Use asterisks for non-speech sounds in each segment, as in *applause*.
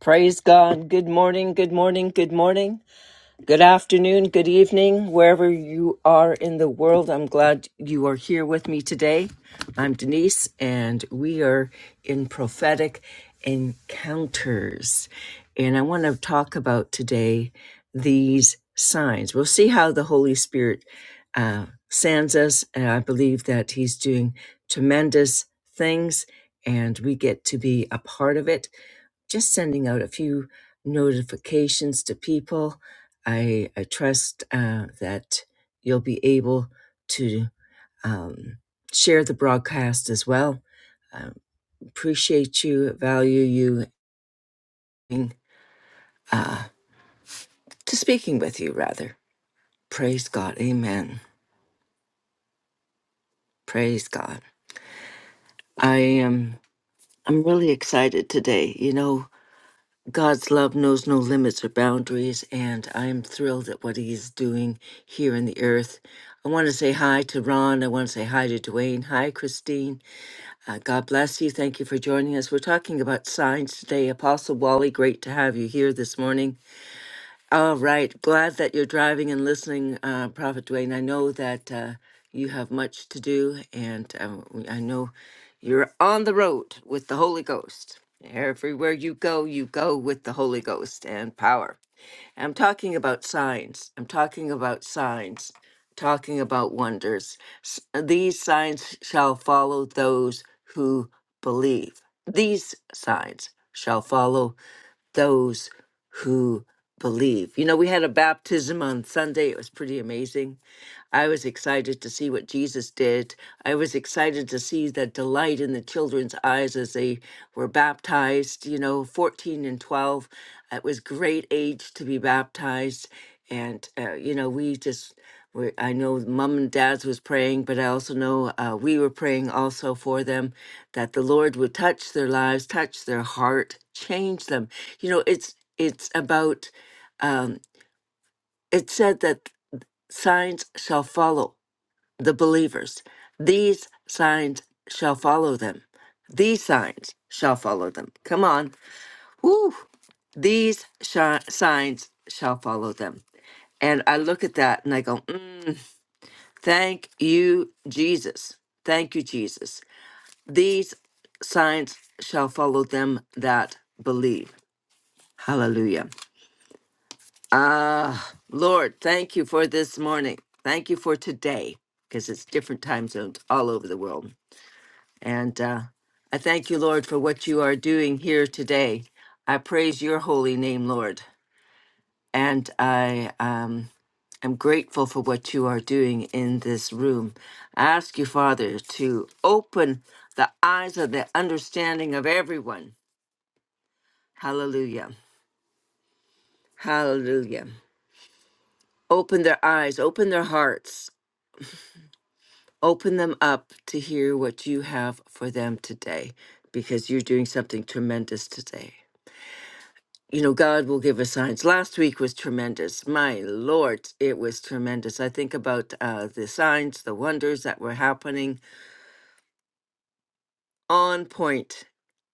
Praise God. Good morning. Good morning. Good morning. Good afternoon, good evening, wherever you are in the world. I'm glad you are here with me today. I'm Denise, and we are in prophetic encounters. And I want to talk about today these signs. We'll see how the Holy Spirit uh, sands us, and I believe that He's doing tremendous things, and we get to be a part of it just sending out a few notifications to people I I trust uh, that you'll be able to um, share the broadcast as well. Uh, appreciate you, value you, and, uh, to speaking with you rather. Praise God, Amen. Praise God. I am. I'm really excited today. You know, God's love knows no limits or boundaries, and I am thrilled at what He is doing here in the earth. I want to say hi to Ron. I want to say hi to Dwayne. Hi, Christine. Uh, God bless you. Thank you for joining us. We're talking about signs today. Apostle Wally, great to have you here this morning. All right. Glad that you're driving and listening, uh, Prophet Dwayne. I know that uh, you have much to do, and um, I know you're on the road with the Holy Ghost. Everywhere you go, you go with the Holy Ghost and power. I'm talking about signs. I'm talking about signs. Talking about wonders. S- uh, These signs shall follow those who believe. These signs shall follow those who believe. You know, we had a baptism on Sunday. It was pretty amazing I was excited to see what Jesus did. I was excited to see the delight in the children's eyes as they were baptized, you know, 14 and 12. It was great age to be baptized. And, uh, you know, we just, we, I know mom and dad's was praying, but I also know uh, we were praying also for them that the Lord would touch their lives, touch their heart, change them. You know, it's, it's about, um, it said that signs shall follow the believers. These signs shall follow them. These signs shall follow them. Come on. Woo! These sh- signs shall follow them. And I look at that and I go, mm, thank you, Jesus. Thank you, Jesus. These signs shall follow them that believe. Hallelujah. Ah, Lord, thank you for this morning. Thank you for today because it's different time zones all over the world. And uh, I thank you, Lord, for what you are doing here today. I praise your holy name, Lord. And I um, am grateful for what you are doing in this room. I ask you, Father, to open the eyes of the understanding of everyone. Hallelujah. Hallelujah. Open their eyes, open their hearts, open them up to hear what you have for them today, because you're doing something tremendous today. you know, God will give us signs. Last week was tremendous. My Lord, it was tremendous. I think about uh, the signs, the wonders that were happening on point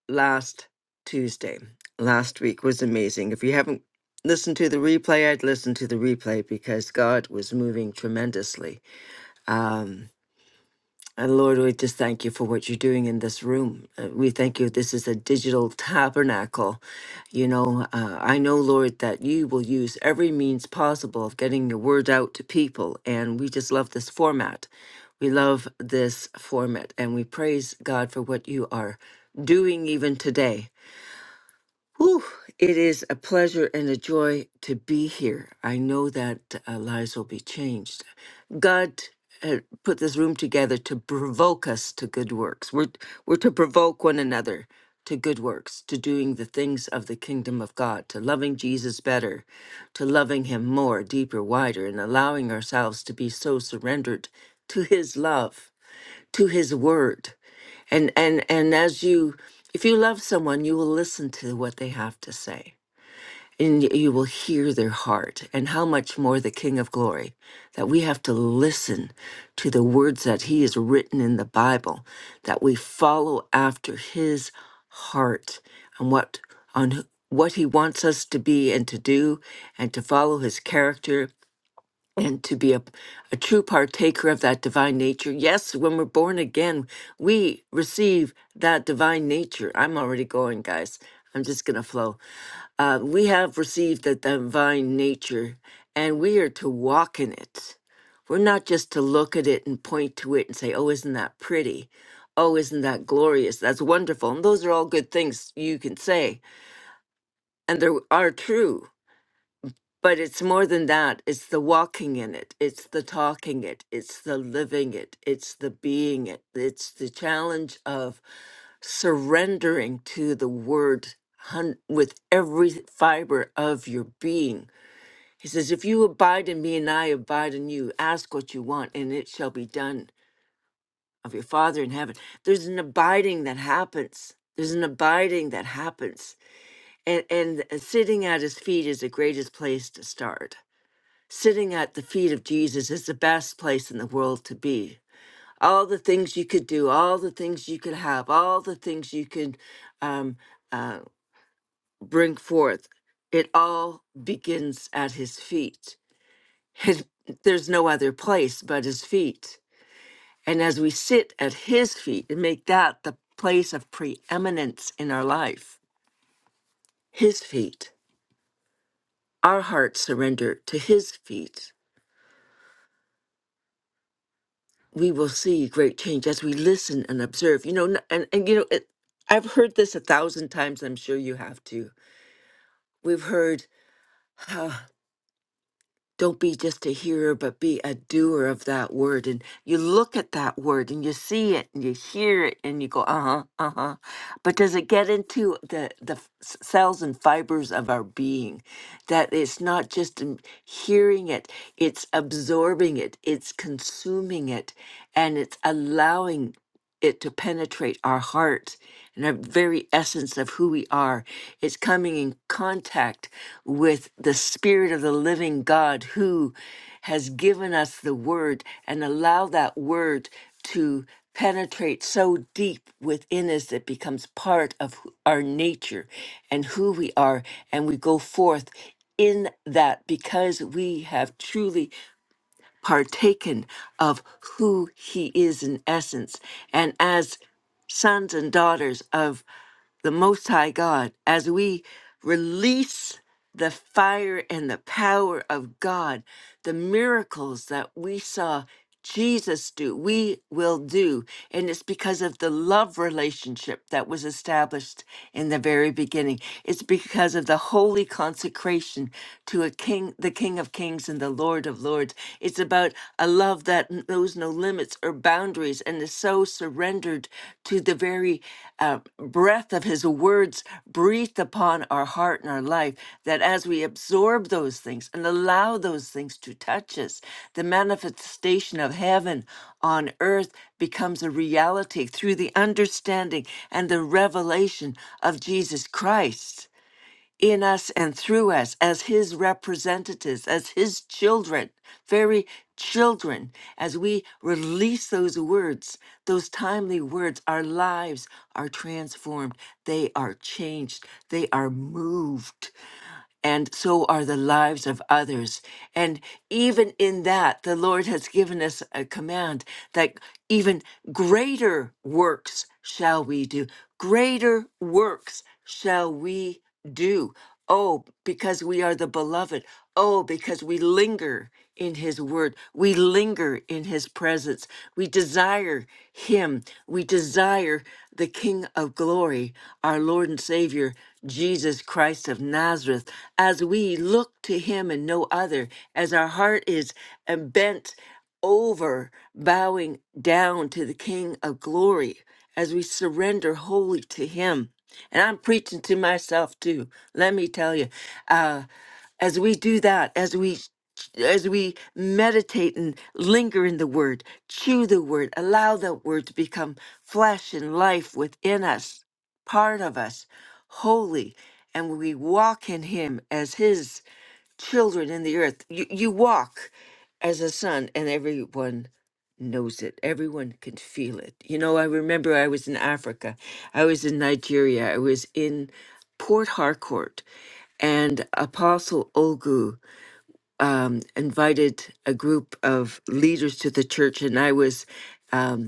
last Tuesday. Last week was amazing. If you haven't listened to the replay, I'd listen to the replay because God was moving tremendously. Um, And Lord, we just thank you for what you're doing in this room. Uh, We thank you. This is a digital tabernacle. You know, uh, I know, Lord, that you will use every means possible of getting your word out to people. And we just love this format. We love this format. And we praise God for what you are doing even today Whew, it is a pleasure and a joy to be here. I know that uh, lives will be changed. God uh, put this room together to provoke us to good works. We're, we're to provoke one another to good works, to doing the things of the kingdom of God, to loving Jesus better, to loving him more, deeper, wider, and allowing ourselves to be so surrendered to his love to his word. And and and as you if you love someone, you will listen to what they have to say. And y- you will hear their heart and how much more the King of Glory that we have to listen to the words that he has written in the Bible, that we follow after his heart and what on wh- what he wants us to be and to do and to follow his character and to be a, a true partaker of that divine nature. Yes, when we're born again, we receive that divine nature. I'm already going, guys. I'm just going to flow. Uh, we have received the divine nature and we are to walk in it. We're not just to look at it and point to it and say, oh, isn't that pretty? Oh, isn't that glorious? That's wonderful. And those are all good things you can say, and they are true but it's more than that it's the walking in it it's the talking it it's the living it it's the being it it's the challenge of surrendering to the word hun- with every fiber of your being he says if you abide in me and i abide in you ask what you want and it shall be done of your father in heaven there's an abiding that happens there's an abiding that happens and and uh, sitting at his feet is the greatest place to start Sitting at the feet of Jesus is the best place in the world to be. All the things you could do, all the things you could have, all the things you could um, uh, bring forth, it all begins at his feet. His, there's no other place but his feet. And as we sit at his feet and make that the place of preeminence in our life, his feet, our hearts surrender to his feet we will see great change as we listen and observe. You know, n- and, and you know, it, I've heard this a thousand times. I'm sure you have too. We've heard, ah, don't be just a hearer, but be a doer of that word. And you look at that word and you see it and you hear it and you go, uh huh, uh huh. But does it get into the, the f- s- cells and fibers of our being? That it's not just in hearing it, it's absorbing it, it's consuming it, and it's allowing it to penetrate our hearts and our very essence of who we are. It's coming in contact with the Spirit of the living God who has given us the Word and allow that Word to penetrate so deep within us that becomes part of who- our nature and who we are. And we go forth in that because we have truly partaken of who he is in essence. And as sons and daughters of the Most High God, as we release the fire and the power of God, the miracles that we saw Jesus do, we will do. And it's because of the love relationship that was established in the very beginning. It's because of the holy consecration to a king, the King of Kings and the Lord of Lords. It's about a love that n- knows no limits or boundaries and is so surrendered to the very uh, breath of his words breathed upon our heart and our life that as we absorb those things and allow those things to touch us, the manifestation of heaven on earth becomes a reality through the understanding and the revelation of Jesus Christ in us and through us as his representatives, as his children, very children, as we release those words, those timely words, our lives are transformed. They are changed. They are moved and so are the lives of others. And even in that, the Lord has given us a command that even greater works shall we do. Greater works shall we do. Oh, because we are the beloved. Oh, because we linger in his word. We linger in his presence. We desire him. We desire the King of glory, our Lord and Savior, Jesus Christ of Nazareth, as we look to him and no other, as our heart is uh, bent over, bowing down to the King of glory, as we surrender wholly to him. And I'm preaching to myself too, let me tell you. Uh, as we do that, as we as we meditate and linger in the word, chew the word, allow the word to become flesh and life within us part of us, holy, and we walk in him as his children in the earth. You, you walk as a son, and everyone knows it. Everyone can feel it. You know, I remember I was in Africa, I was in Nigeria, I was in Port Harcourt, and Apostle Olgu um, invited a group of leaders to the church, and I was um,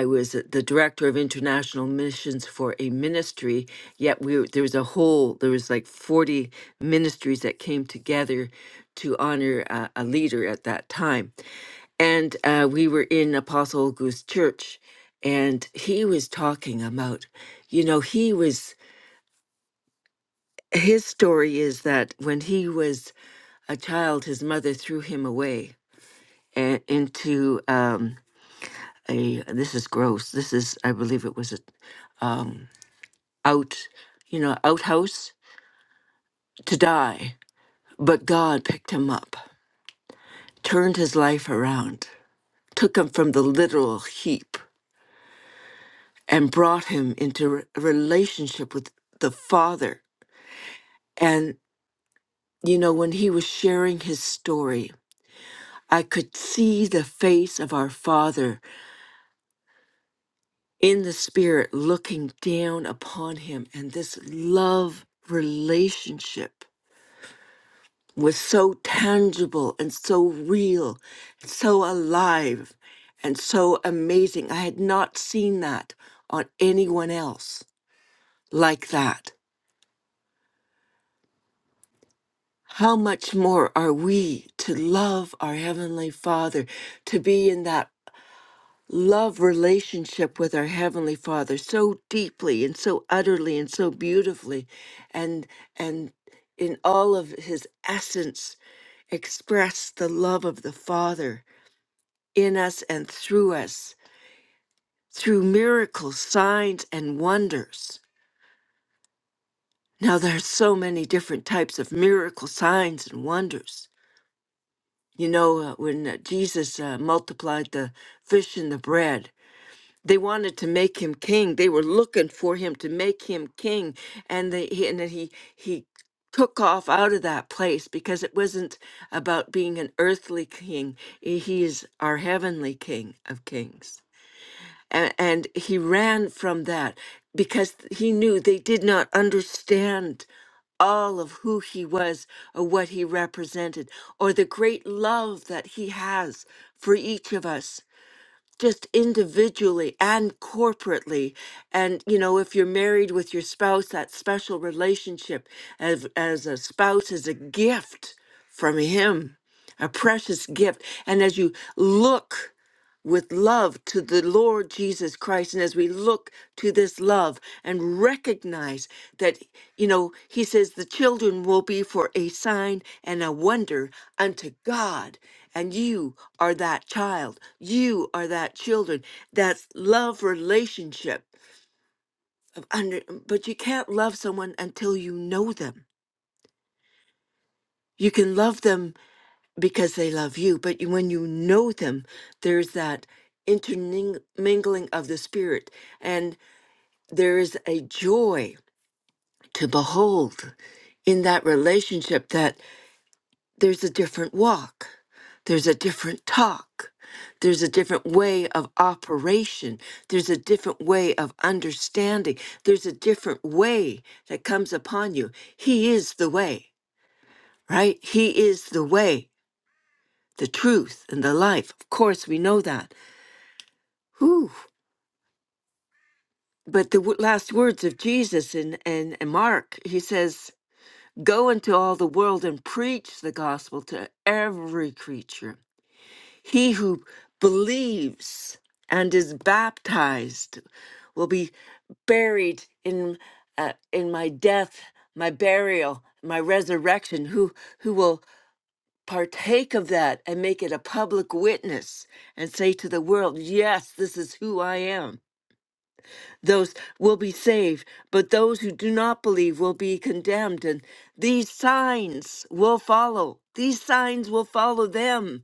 I was the director of international missions for a ministry. Yet we were- there was a whole there was like forty ministries that came together to honor uh, a leader at that time, and uh, we were in Apostle Auguste Church, and he was talking about, you know, he was his story is that when he was a child, his mother threw him away and into um a this is gross this is i believe it was a um out you know outhouse to die but god picked him up turned his life around took him from the literal heap and brought him into re- a relationship with the father and you know when he was sharing his story i could see the face of our father in the spirit looking down upon him and this love relationship was so tangible and so real and so alive and so amazing i had not seen that on anyone else like that how much more are we to love our heavenly father to be in that love relationship with our heavenly father so deeply and so utterly and so beautifully and and in all of his essence express the love of the father in us and through us through miracles signs and wonders now there are so many different types of miracle signs and wonders you know uh, when uh, jesus uh, multiplied the fish and the bread they wanted to make him king. They were looking for him to make him king, and they he- and then he he took off out of that place because it wasn't about being an earthly king. He he is our heavenly King of kings, and, and he ran from that because he knew they did not understand all of who he was or what he represented or the great love that he has for each of us just individually and corporately and you know if you're married with your spouse that special relationship as as a spouse is a gift from him a precious gift and as you look with love to the Lord Jesus Christ. And as we look to this love and recognize that, you know, he says the children will be for a sign and a wonder unto God. And you are that child. You are that children. That's love relationship. of Under, but you can't love someone until you know them. You can love them because they love you. But you- when you know them, there's that intermingling of the spirit, and there is a joy to behold in that relationship that there's a different walk, there's a different talk, there's a different way of operation, there's a different way of understanding, there's a different way that comes upon you. He is the way, right? He is the way the truth and the life. Of course, we know that. Whew. But the w- last words of Jesus in, in, in Mark, he says, Go into all the world and preach the gospel to every creature. He who believes and is baptized will be buried in uh, in my death, my burial, my resurrection. Who who will partake of that and make it a public witness and say to the world, yes, this is who I am. Those will be saved, but those who do not believe will be condemned. And these signs will follow. These signs will follow them,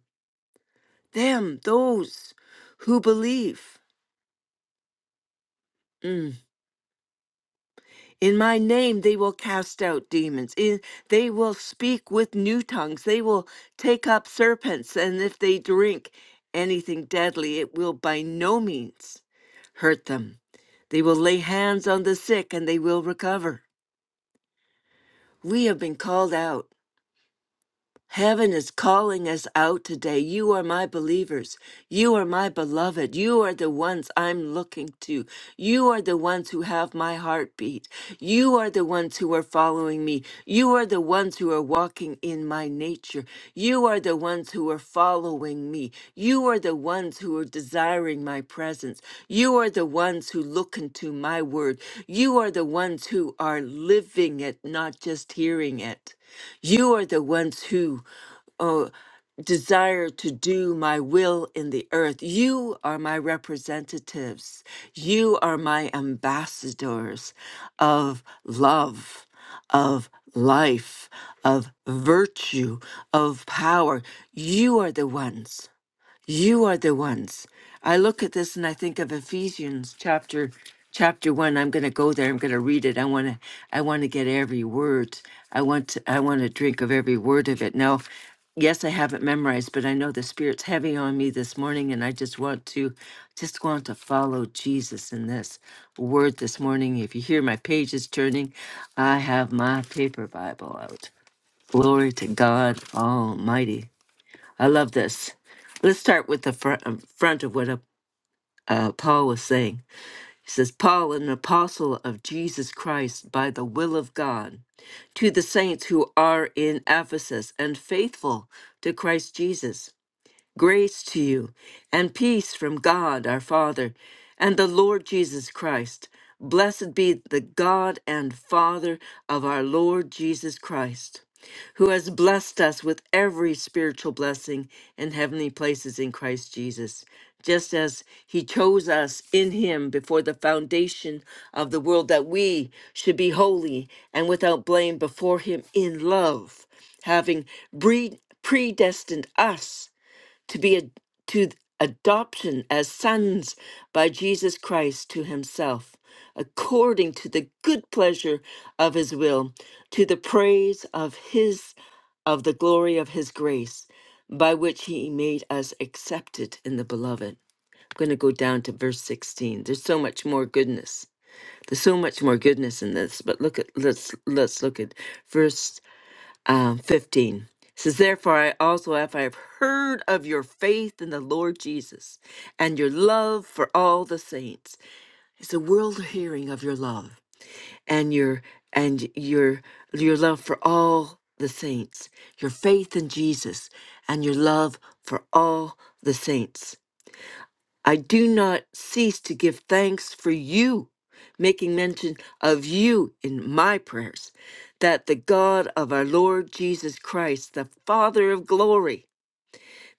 them, those who believe. Mm. In my name, they will cast out demons. In, they will speak with new tongues. They will take up serpents. And if they drink anything deadly, it will by no means hurt them. They will lay hands on the sick and they will recover. We have been called out. Heaven is calling us out today. You are my believers. You are my beloved. You are the ones I'm looking to. You are the ones who have my heartbeat. You are the ones who are following me. You are the ones who are walking in my nature. You are the ones who are following me. You are the ones who are desiring my presence. You are the ones who look into my word. You are the ones who are living it, not just hearing it. You are the ones who oh, desire to do my will in the earth. You are my representatives. You are my ambassadors of love, of life, of virtue, of power. You are the ones. You are the ones. I look at this and I think of Ephesians chapter chapter 1. I'm going to go there. I'm going to read it. I want to I want to get every word. I want to, I want to drink of every word of it. Now, yes, I haven't memorized, but I know the spirit's heavy on me this morning and I just want to just want to follow Jesus in this word this morning. If you hear my pages turning, I have my paper Bible out. Glory to God Almighty. I love this. Let's start with the fr- um, front of what uh, uh, Paul was saying. He says, Paul, an apostle of Jesus Christ by the will of God, to the saints who are in Ephesus and faithful to Christ Jesus. Grace to you and peace from God our Father and the Lord Jesus Christ. Blessed be the God and Father of our Lord Jesus Christ, who has blessed us with every spiritual blessing in heavenly places in Christ Jesus, just as he chose us in him before the foundation of the world that we should be holy and without blame before him in love, having bre- predestined us to be ad- to adoption as sons by Jesus Christ to himself according to the good pleasure of his will to the praise of his of the glory of his grace by which he made us accepted in the beloved i'm going to go down to verse 16 there's so much more goodness there's so much more goodness in this but look at let's let's look at verse um, 15 It says therefore i also if i have heard of your faith in the lord jesus and your love for all the saints it's a world hearing of your love and your and your your love for all the saints your faith in jesus and your love for all the saints I do not cease to give thanks for you, making mention of you in my prayers, that the God of our Lord Jesus Christ, the Father of glory,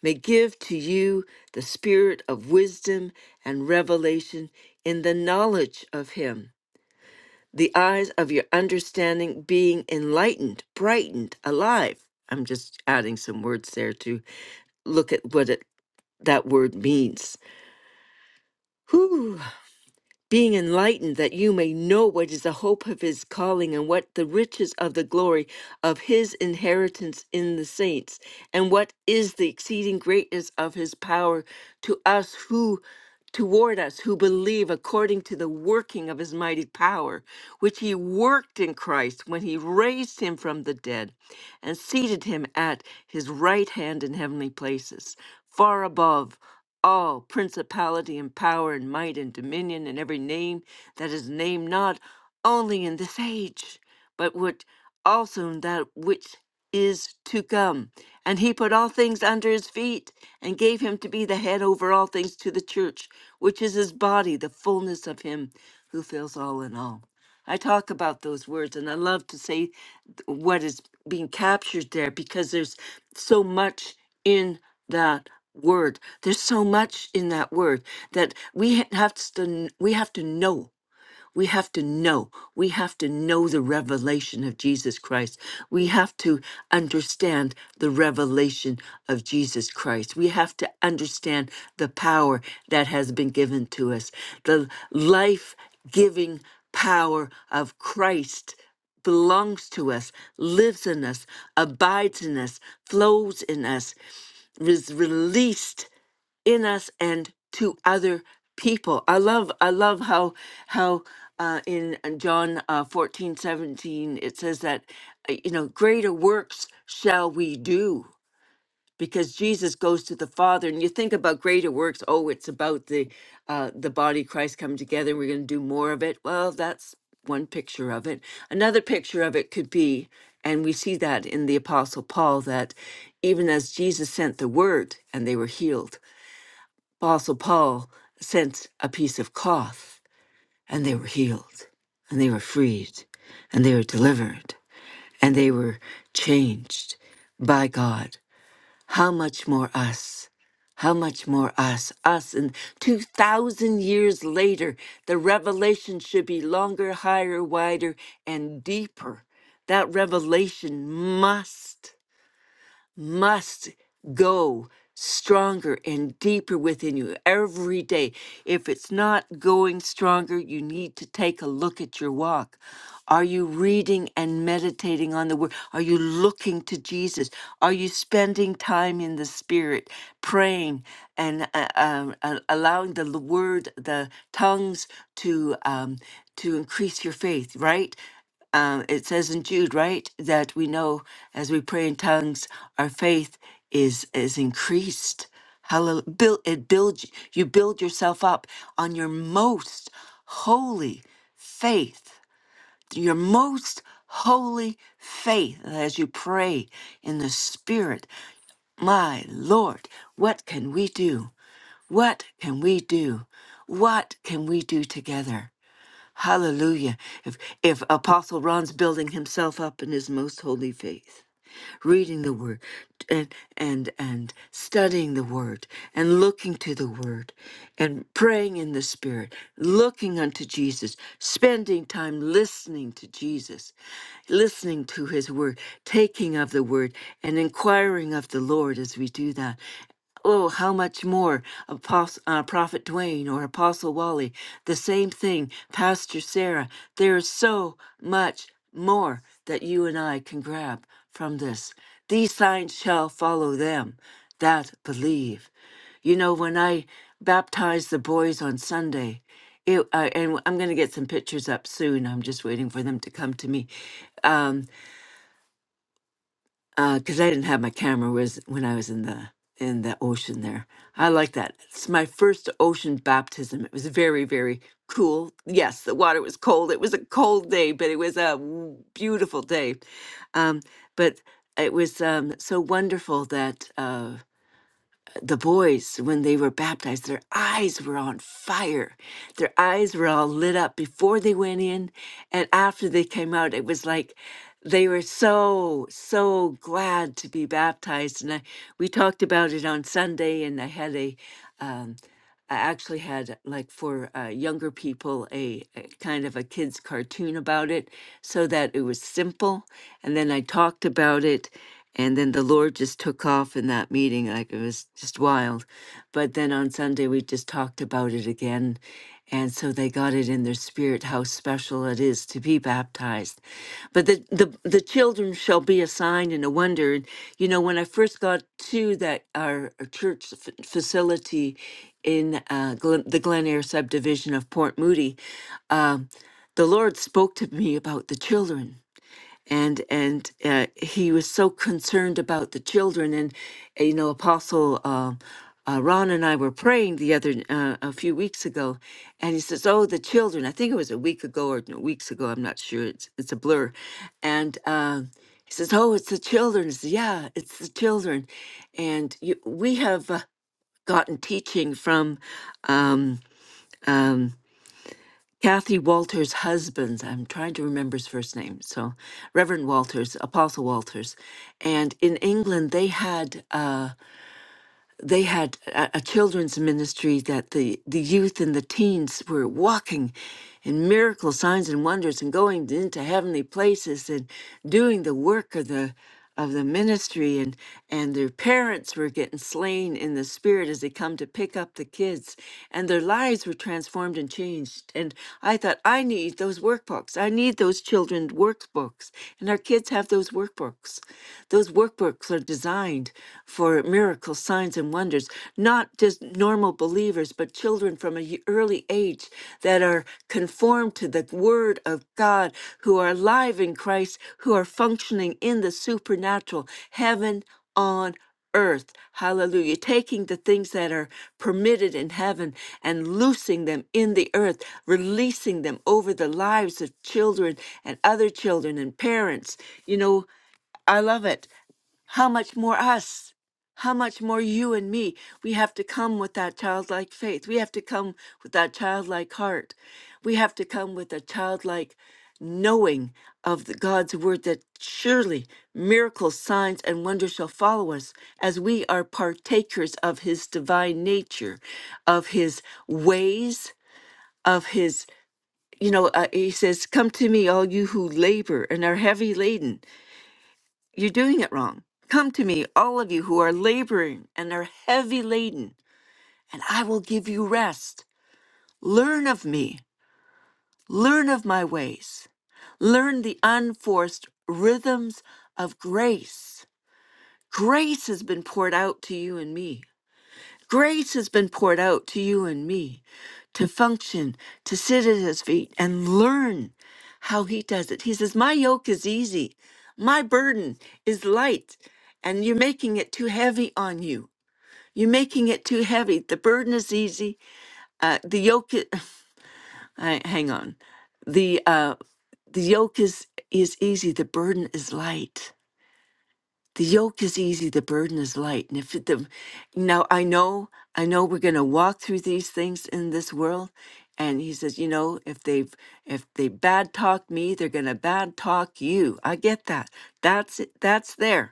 may give to you the spirit of wisdom and revelation in the knowledge of him, the eyes of your understanding being enlightened, brightened, alive. I'm just adding some words there to look at what it, that word means. being enlightened that you may know what is the hope of his calling and what the riches of the glory of his inheritance in the saints and what is the exceeding greatness of his power to us who toward us who believe according to the working of his mighty power which he worked in Christ when he raised him from the dead and seated him at his right hand in heavenly places far above all principality and power and might and dominion and every name that is named not only in this age, but which also in that which is to come. And he put all things under his feet and gave him to be the head over all things to the church, which is his body, the fullness of him who fills all in all. I talk about those words and I love to say th- what is being captured there because there's so much in that word. There's so much in that word that we ha- have to we have to know. We have to know. We have to know the revelation of Jesus Christ. We have to understand the revelation of Jesus Christ. We have to understand the power that has been given to us, the life giving power of Christ belongs to us, lives in us, abides in us, flows in us, is released in us and to other people. I love I love how how uh, in uh, John uh, 14, seventeen it says that uh, you know greater works shall we do because Jesus goes to the Father. And you think about greater works. Oh, it's about the uh, the body of Christ coming together. We're going to do more of it. Well, that's one picture of it. Another picture of it could be, and we see that in the Apostle Paul, that even as Jesus sent the word and they were healed, Apostle Paul sent a piece of cloth, and they were healed, and they were freed, and they were delivered, and they were changed by God. How much more us? How much more us? Us, and 2,000 years later, the revelation should be longer, higher, wider, and deeper. That revelation must must go stronger and deeper within you every day. If it's not going stronger, you need to take a look at your walk. Are you reading and meditating on the word? Are you looking to Jesus? Are you spending time in the spirit, praying and uh, um, uh, allowing the l- word, the tongues to um, to increase your faith, right? um, it says in Jude, right, that we know as we pray in tongues, our faith is is increased. Hallelujah! Build, it builds you build yourself up on your most holy faith, your most holy faith as you pray in the Spirit. My Lord, what can we do? What can we do? What can we do together? Hallelujah. If, if Apostle Ron's building himself up in his most holy faith, reading the word and, and, and studying the word and looking to the word and praying in the spirit, looking unto Jesus, spending time listening to Jesus, listening to his word, taking of the word and inquiring of the Lord as we do that. Oh, how much more Apostle, uh, Prophet Dwayne or Apostle Wally, the same thing, Pastor Sarah. There is so much more that you and I can grab from this. These signs shall follow them that believe. You know, when I baptized the boys on Sunday, it, uh, and I'm going to get some pictures up soon. I'm just waiting for them to come to me. Um, because I didn't have my camera was when I was in the in the ocean there. I like that. It's my first ocean baptism. It was very very cool. Yes, the water was cold. It was a cold day, but it was a w- beautiful day. Um, but it was um, so wonderful that. Uh, the boys, when they were baptized, their eyes were on fire. Their eyes were all lit up before they went in and after they came out. It was like they were so, so glad to be baptized. And I, we talked about it on Sunday, and I had a, um, I actually had like for uh, younger people a, a kind of a kids cartoon about it so that it was simple and then I talked about it and then the Lord just took off in that meeting like it was just wild but then on Sunday we just talked about it again and so they got it in their spirit how special it is to be baptized. But the, the, the children shall be a sign and a wonder. And, you know, when I first got to that, our church f- facility in uh, Glen, the Glen Eyre subdivision of Port Moody, um, the Lord spoke to me about the children and and uh, he was so concerned about the children and uh, you know apostle uh, uh, ron and i were praying the other uh, a few weeks ago and he says oh the children i think it was a week ago or no, weeks ago i'm not sure it's it's a blur and uh, he says oh it's the children I said, yeah it's the children and you, we have uh, gotten teaching from um, um, Kathy Walters' husband, I'm trying to remember his first name, so Reverend Walters, Apostle Walters. And in England, they had. uh, they had a, a children's ministry that the, the youth and the teens were walking in miracle signs and wonders and going into heavenly places and doing the work of the of the ministry and and their parents were getting slain in the spirit as they come to pick up the kids and their lives were transformed and changed and i thought i need those workbooks i need those children's workbooks and our kids have those workbooks those workbooks are designed designed for miracles, signs, and wonders, not just normal believers, but children from an early age that are conformed to the Word of God, who are alive in Christ, who are functioning in the supernatural, heaven on earth. Hallelujah. Taking the things that are permitted in heaven and loosing them in the earth, releasing them over the lives of children and other children and parents. You know, I love it. How much more us? How much more you and me? We have to come with that childlike faith. We have to come with that childlike heart. We have to come with a childlike knowing of the God's word that surely miracles, signs, and wonders shall follow us as we are partakers of his divine nature, of his ways, of his, you know, uh, he says, Come to me, all you who labor and are heavy laden. You're doing it wrong. Come to me, all of you who are laboring and are heavy laden, and I will give you rest. Learn of me. Learn of my ways. Learn the unforced rhythms of grace. Grace has been poured out to you and me. Grace has been poured out to you and me to function, to sit at his feet and learn how he does it. He says, My yoke is easy, my burden is light, and you're making it too heavy on you. You're making it too heavy. The burden is easy. Uh, the yoke, is, *laughs* I, hang on. The uh, the yoke is is easy. The burden is light the yoke is easy the burden is light and if it, the now i know i know we're going to walk through these things in this world and he says you know if they've if they bad talk me they're going to bad talk you i get that that's it that's there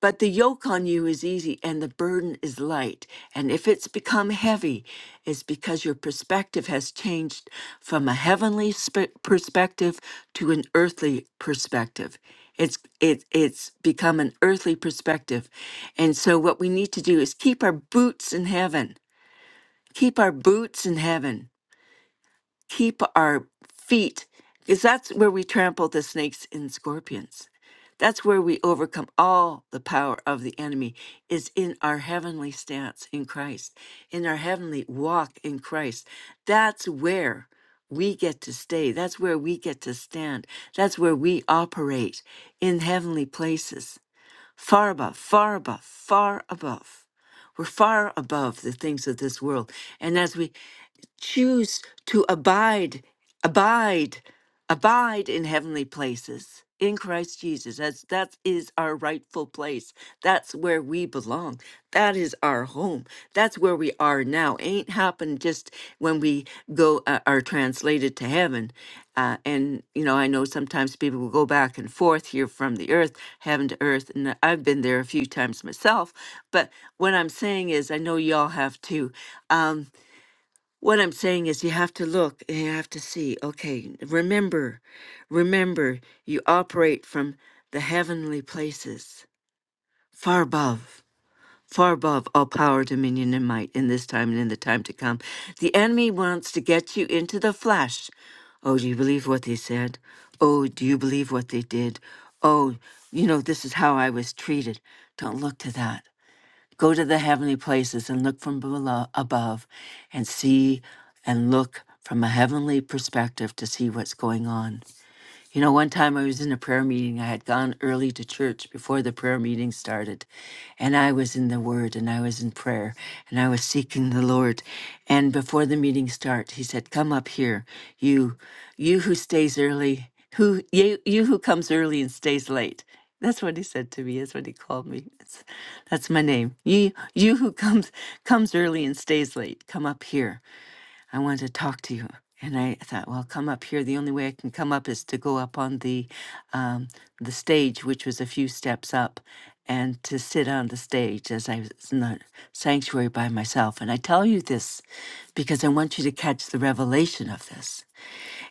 but the yoke on you is easy and the burden is light. And if it's become heavy, it's because your perspective has changed from a heavenly sp- perspective to an earthly perspective. It's it, it's become an earthly perspective. And so what we need to do is keep our boots in heaven. Keep our boots in heaven keep our feet because that's where we trample the snakes and scorpions that's where we overcome all the power of the enemy is in our heavenly stance in christ in our heavenly walk in christ that's where we get to stay that's where we get to stand that's where we operate in heavenly places far above far above far above we're far above the things of this world. And as we choose to abide, abide, abide in heavenly places in Christ Jesus. That's that is our rightful place. That's where we belong. That is our home. That's where we are now. Ain't happened just when we go uh, are translated to heaven. Uh, and you know, I know sometimes people will go back and forth here from the earth, heaven to earth, and I've been there a few times myself. But what I'm saying is, I know y'all have too. Um, what I'm saying is, you have to look and you have to see. Okay, remember, remember, you operate from the heavenly places, far above, far above all power, dominion, and might in this time and in the time to come. The enemy wants to get you into the flesh. Oh, do you believe what they said? Oh, do you believe what they did? Oh, you know, this is how I was treated. Don't look to that. Go to the heavenly places and look from below, above and see and look from a heavenly perspective to see what's going on. You know, one time I was in a prayer meeting. I had gone early to church before the prayer meeting started, and I was in the Word and I was in prayer and I was seeking the Lord. And before the meeting start, He said, "Come up here, you, you who stays early, who you, you who comes early and stays late." That's what he said to me. That's what he called me. That's, that's my name. You, you who comes comes early and stays late, come up here. I wanted to talk to you. And I thought, well, come up here. The only way I can come up is to go up on the um, the stage, which was a few steps up, and to sit on the stage as I was in the sanctuary by myself. And I tell you this because I want you to catch the revelation of this.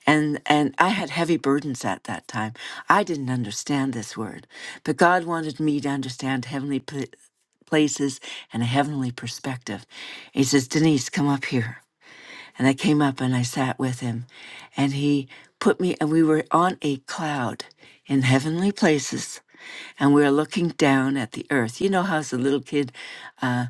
And and I had heavy burdens at that time. I didn't understand this word, but God wanted me to understand heavenly pla- places and a heavenly perspective. He says, Denise, come up here. And I came up and I sat with him. And he put me, and we were on a cloud in heavenly places and we're looking down at the earth. You know how as a little kid uh,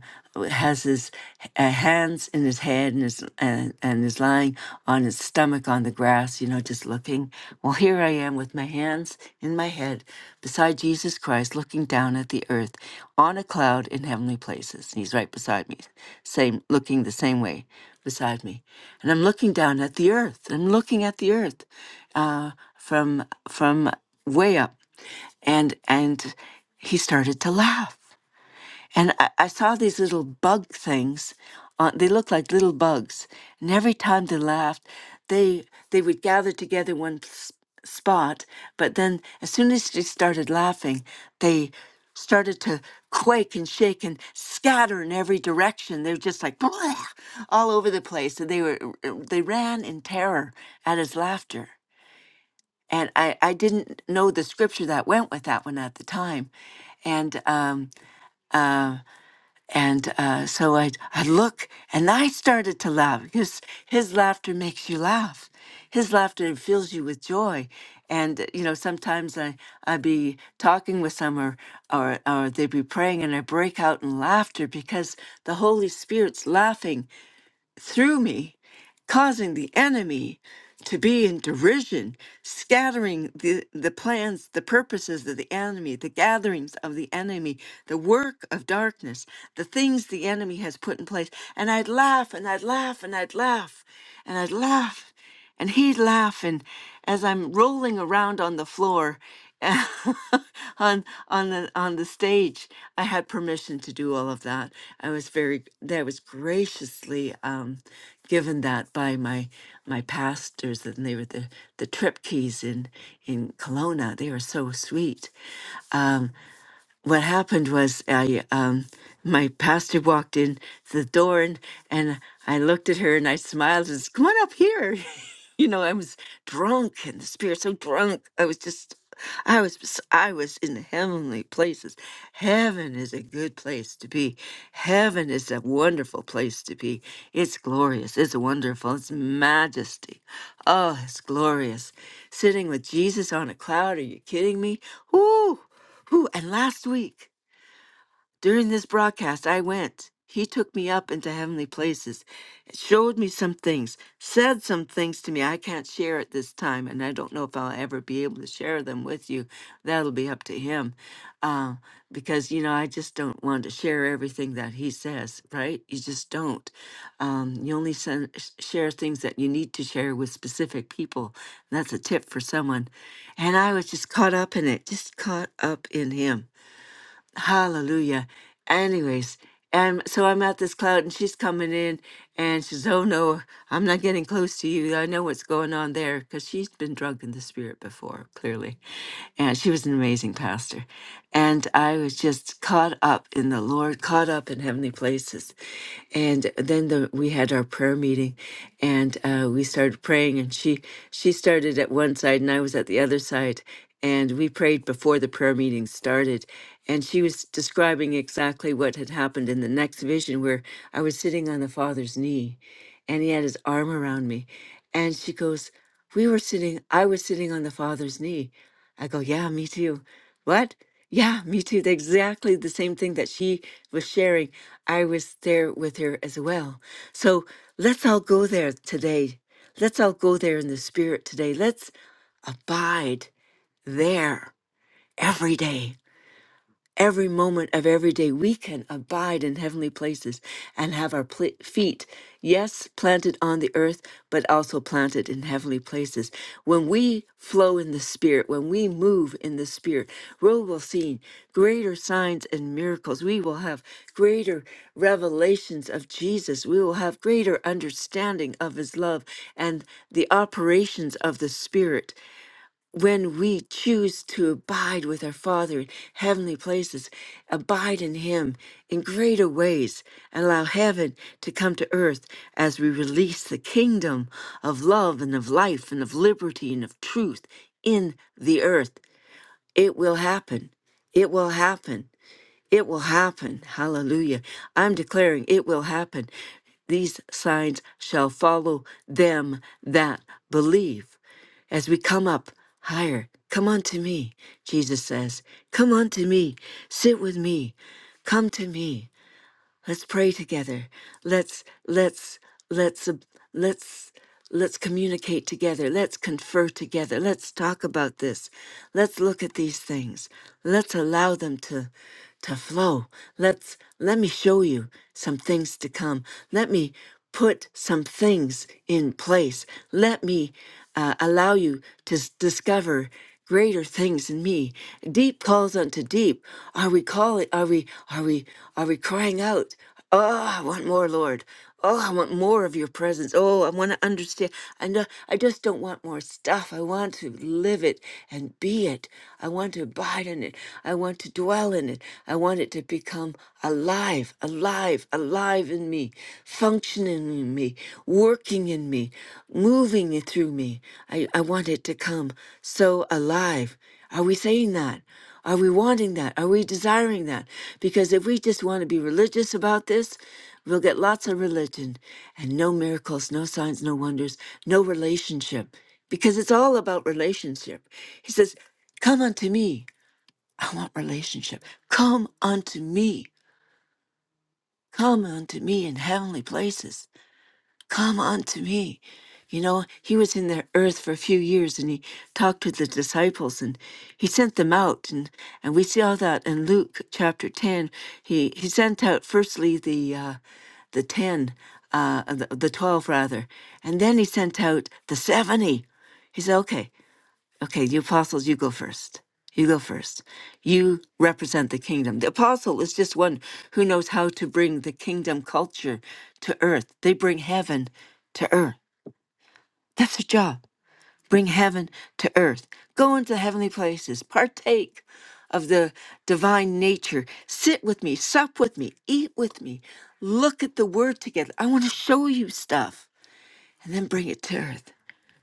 has his uh, hands in his head and is, and, and is lying on his stomach on the grass, you know, just looking. Well, here I am with my hands in my head beside Jesus Christ, looking down at the earth on a cloud in heavenly places. And he's right beside me, same looking the same way beside me. And I'm looking down at the earth. I'm looking at the earth uh, from from way up, and and he started to laugh. And I, I saw these little bug things. On, they looked like little bugs, and every time they laughed, they they would gather together one s- spot. But then, as soon as they started laughing, they started to quake and shake and scatter in every direction. They were just like *laughs* all over the place, and they were they ran in terror at his laughter and I, I didn't know the scripture that went with that one at the time and um uh and uh so i i look and i started to laugh because his laughter makes you laugh his laughter fills you with joy and uh, you know sometimes i i be talking with some or or, or they be praying and i break out in laughter because the holy spirit's laughing through me, causing the enemy to be in derision, scattering the, the plans, the purposes of the enemy, the gatherings of the enemy, the work of darkness, the things the enemy has put in place. And I'd laugh and I'd laugh and I'd laugh and I'd laugh. And he'd laugh, and as I'm rolling around on the floor, *laughs* on on the on the stage, I had permission to do all of that. I was very that was graciously um, given that by my my pastors, and they were the the trip keys in in Kelowna. They were so sweet. Um, what happened was I um my pastor walked in the door and, and I looked at her and I smiled and said, Come on up here. *laughs* you know, I was drunk and the spirit so drunk. I was just I was I was in heavenly places. Heaven is a good place to be. Heaven is a wonderful place to be. It's glorious. It's wonderful. It's majesty. Oh, it's glorious. Sitting with Jesus on a cloud. Are you kidding me? Whoo! Whew, and last week during this broadcast, I went. He took me up into heavenly places, showed me some things, said some things to me I can't share at this time, and I don't know if I'll ever be able to share them with you. That'll be up to him, uh, because you know I just don't want to share everything that he says. Right? You just don't. Um, you only send, sh- share things that you need to share with specific people. That's a tip for someone. And I was just caught up in it, just caught up in him. Hallelujah. Anyways, and so I'm at this cloud and she's coming in and she says, Oh no, I'm not getting close to you. I know what's going on there because she's been drunk in the spirit before, clearly. And she was an amazing pastor. And I was just caught up in the Lord, caught up in heavenly places. And then the, we had our prayer meeting and uh, we started praying and she she started at one side and I was at the other side and we prayed before the prayer meeting started and she was describing exactly what had happened in the next vision where i was sitting on the father's knee and he had his arm around me and she goes we were sitting i was sitting on the father's knee i go yeah me too what yeah me too The- exactly the same thing that she was sharing i was there with her as well so let's all go there today Let's all go there in the spirit today. Let's abide there every day, every moment of every day. We can abide in heavenly places and have our pl- feet, yes, planted on the earth, but also planted in heavenly places. When we flow in the Spirit, when we move in the Spirit, we will see greater signs and miracles. We will have greater revelations of Jesus. We will have greater understanding of His love and the operations of the Spirit when we choose to abide with our Father in heavenly places, abide in Him in greater ways, and allow heaven to come to earth as we release the kingdom of love and of life and of liberty and of truth in the earth, it will happen. It will happen. It will happen. Hallelujah. I'm declaring it will happen. These signs shall follow them that believe. As we come up higher, come unto me, Jesus says. Come unto me. Sit with me. Come to me. Let's pray together. Let's let's let's uh, let's let's communicate together. Let's confer together. Let's talk about this. Let's look at these things. Let's allow them to to flow. Let's let me show you some things to come. Let me put some things in place. Let me uh, allow you to s- discover greater things in me. Deep calls unto deep. Are we calling? Are we? Are we? Are we crying out? Oh, I want more, Lord. Oh, I want more of your presence. Oh, I want to understand. I know, I just don't want more stuff. I want to live it and be it. I want to abide in it. I want to dwell in it. I want it to become alive, alive, alive in me functioning in me, working in me, moving it through me. I, I want it to come so alive. Are we saying that? Are we wanting that? Are we desiring that? Because if we just want to be religious about this, we'll get lots of religion and no miracles, no signs, no wonders, no relationship, because it's all about relationship. He says, Come unto me. I want relationship. Come unto me. Come unto me in heavenly places. Come unto me. You know, he was in the earth for a few years and he talked to the disciples and he sent them out. And, and we see all that in Luke chapter 10. He, he sent out firstly the, uh, the 10, uh, the, the 12 rather, and then he sent out the 70. He said, okay, Okay, the apostles, you go first. You go first. You represent the kingdom. The apostle is just one who knows how to bring the kingdom culture to earth. They bring heaven to earth. That's their job. Bring heaven to earth. Go into heavenly places. Partake of the divine nature. Sit with me. Sup with me. Eat with me. Look at the word together. I want to show you stuff and then bring it to earth.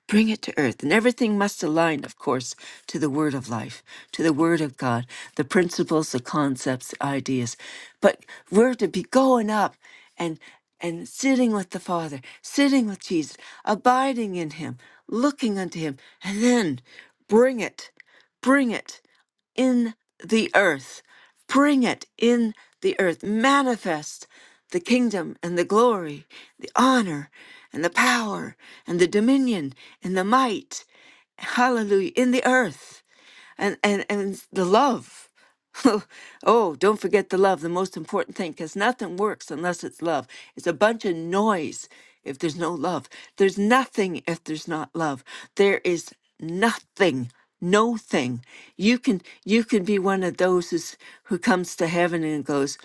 Bring it to earth. And everything must align, of course, to the word of life, to the word of God, the principles, the concepts, the ideas. But we're to be going up and and sitting with the Father, sitting with Jesus, abiding in him, looking unto him, and then bring it. Bring it in the earth. Bring it in the earth. Manifest the kingdom and the glory, the honor and the power and the dominion and the might. Hallelujah. In the earth and and and the love *laughs* oh don't forget the love the most important thing because nothing works unless it's love it's a bunch of noise if there's no love there's nothing if there's not love there is nothing no thing you can you can be one of those who's, who comes to heaven and goes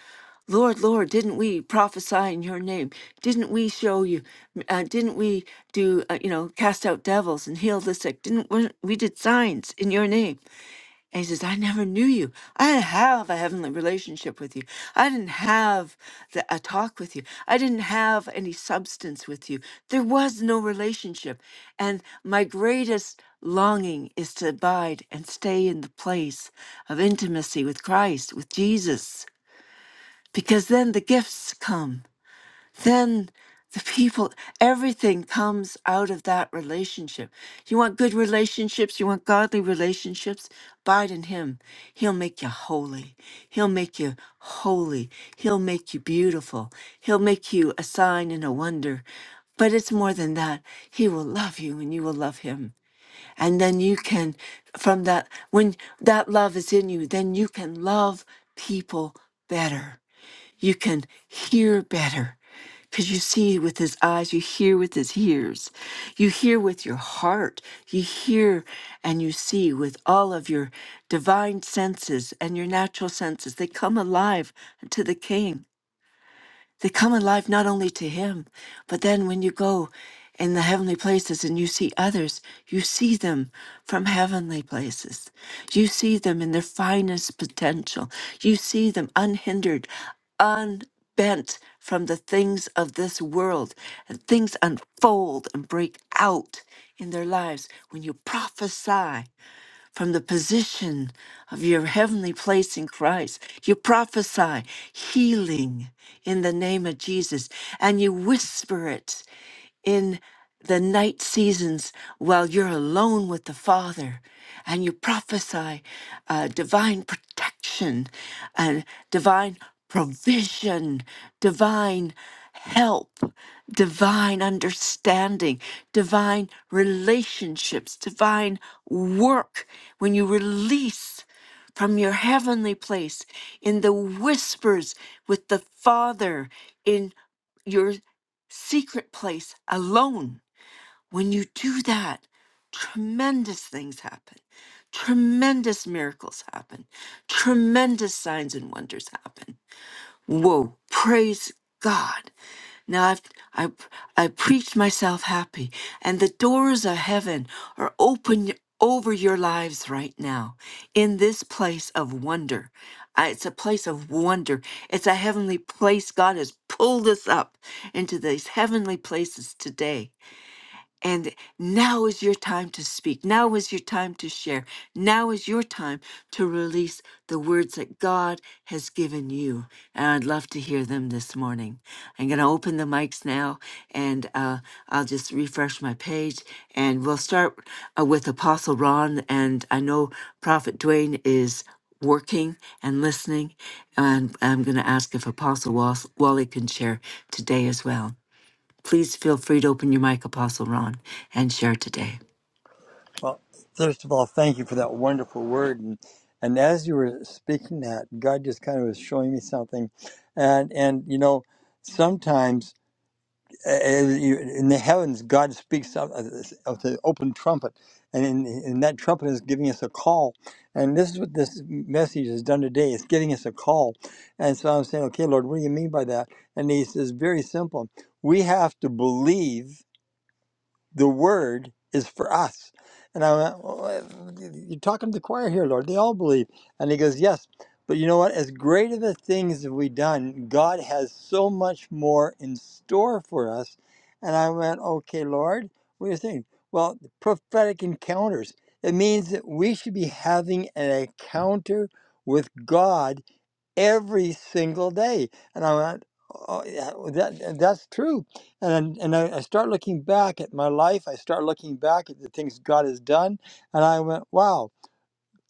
Lord, Lord, didn't we prophesy in your name? Didn't we show you? Uh, didn't we do, uh, you know, cast out devils and heal the sick? Didn't we, we did signs in your name? And he says, I never knew you. I didn't have a heavenly relationship with you. I didn't have the, a talk with you. I didn't have any substance with you. There was no relationship. And my greatest longing is to abide and stay in the place of intimacy with Christ, with Jesus, because then the gifts come then the people, everything comes out of that relationship. You want good relationships, you want godly relationships, abide in Him. He'll make you holy. He'll make you holy. He'll make you beautiful. He'll make you a sign and a wonder. But it's more than that. He will love you and you will love Him. And then you can, from that, when that love is in you, then you can love people better you can hear better because you see with his eyes, you hear with his ears, you hear with your heart, you hear and you see with all of your divine senses and your natural senses. They come alive to the King. They come alive not only to Him, but then when you go in the heavenly places and you see others, you see them from heavenly places. You see them in their finest potential. You see them unhindered, unbent from the things of this world. And things unfold and break out in their lives when you prophesy from the position of your heavenly place in Christ. You prophesy healing in the name of Jesus and you whisper it in the night seasons while you're alone with the Father and you prophesy uh, divine protection and divine provision, divine help, divine understanding, divine relationships, divine work. When you release from your heavenly place in the whispers with the Father in your secret place alone, when you do that, tremendous things happen. Tremendous miracles happen. Tremendous signs and wonders happen Whoa, praise God. Now I've I I preached myself happy and the doors of heaven are open over your lives right now in this place of wonder. I- It's a place of wonder. It's a heavenly place. God has pulled us up into these heavenly places today. And now is your time to speak. Now is your time to share. Now is your time to release the words that God has given you. And I'd love to hear them this morning. I'm going to open the mics now and uh, I'll just refresh my page. And we'll start uh, with Apostle Ron. And I know Prophet Dwayne is working and listening. And I'm going to ask if Apostle Wall- Wally can share today as well. Please feel free to open your mic, Apostle Ron, and share today. Well, first of all, thank you for that wonderful word. And, and as you were speaking that, God just kind of was showing me something. And, and you know, sometimes uh, you- in the heavens, God speaks out of this- of the open trumpet. And, in, and that trumpet is giving us a call. And this is what this message has done today. It's giving us a call. And so I'm saying, okay, Lord, what do you mean by that? And he says, very simple. We have to believe the word is for us. And I went, well, uh, You're talking to the choir here, Lord. They all believe. And he goes, Yes. But you know what? As great of the things have we done, God has so much more in store for us. And I went, Okay, Lord, what are you saying? Well, prophetic encounters. It means that we should be having an encounter with God every single day. And I went, oh, yeah, well, that, that's true. And and I, I start looking back at my life. I start looking back at the things God has done, and I went, wow.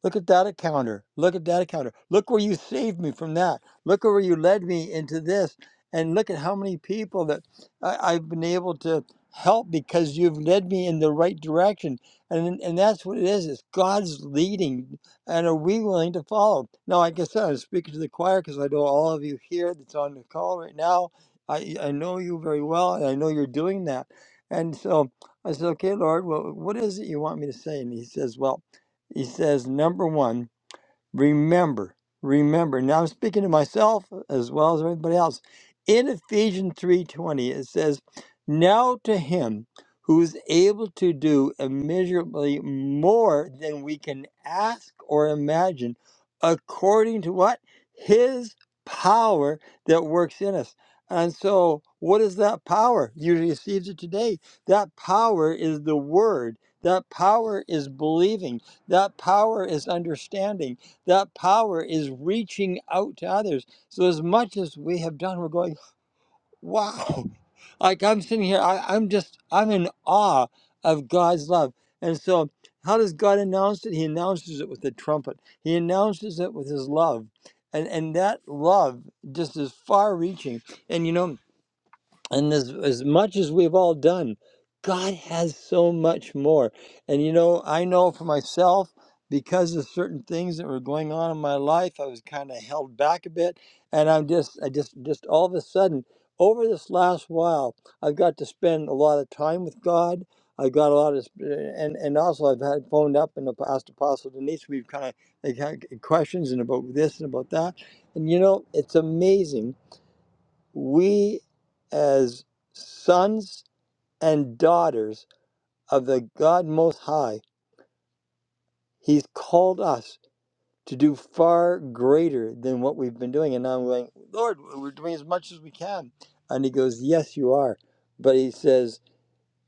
Look at that encounter. Look at that encounter. Look where you saved me from that. Look where you led me into this. And look at how many people that I, I've been able to help because you've led me in the right direction. And and that's what it is. It's God's leading. And are we willing to follow? Now, like I said, I'm speaking to the choir because I know all of you here that's on the call right now. I, I know you very well, and I know you're doing that. And so I said, okay, Lord, well, what is it you want me to say? And he says, well, he says, number one, remember, remember. Now I'm speaking to myself as well as everybody else. In Ephesians 3:20 it says, "Now to him who is able to do immeasurably more than we can ask or imagine, according to what? His power that works in us." And so, what is that power? You received it today. That power is the word. That power is believing. That power is understanding that power is reaching out to others. So as much as we have done, we're going, wow. Like I'm sitting here, I, I'm just, I'm in awe of God's love. And so how does God announce it? He announces it with the trumpet. He announces it with his love. And and that love just is far reaching. And you know, and as, as much as we've all done, God has so much more. And you know, I know for myself, because of certain things that were going on in my life, I was kind of held back a bit. And I'm just, I just, just all of a sudden, over this last while, I've got to spend a lot of time with God. I've got a lot of, sp- eh, and and also I've had phoned up and asked Apostle Denise. We've kind of like had questions and about this and about that. And you know, it's amazing we as sons and daughters of the God Most High, He's called us to do far greater than what we've been doing. And now I'm going, Lord, we're doing as much as we can. And He goes, Yes, you are. But He says,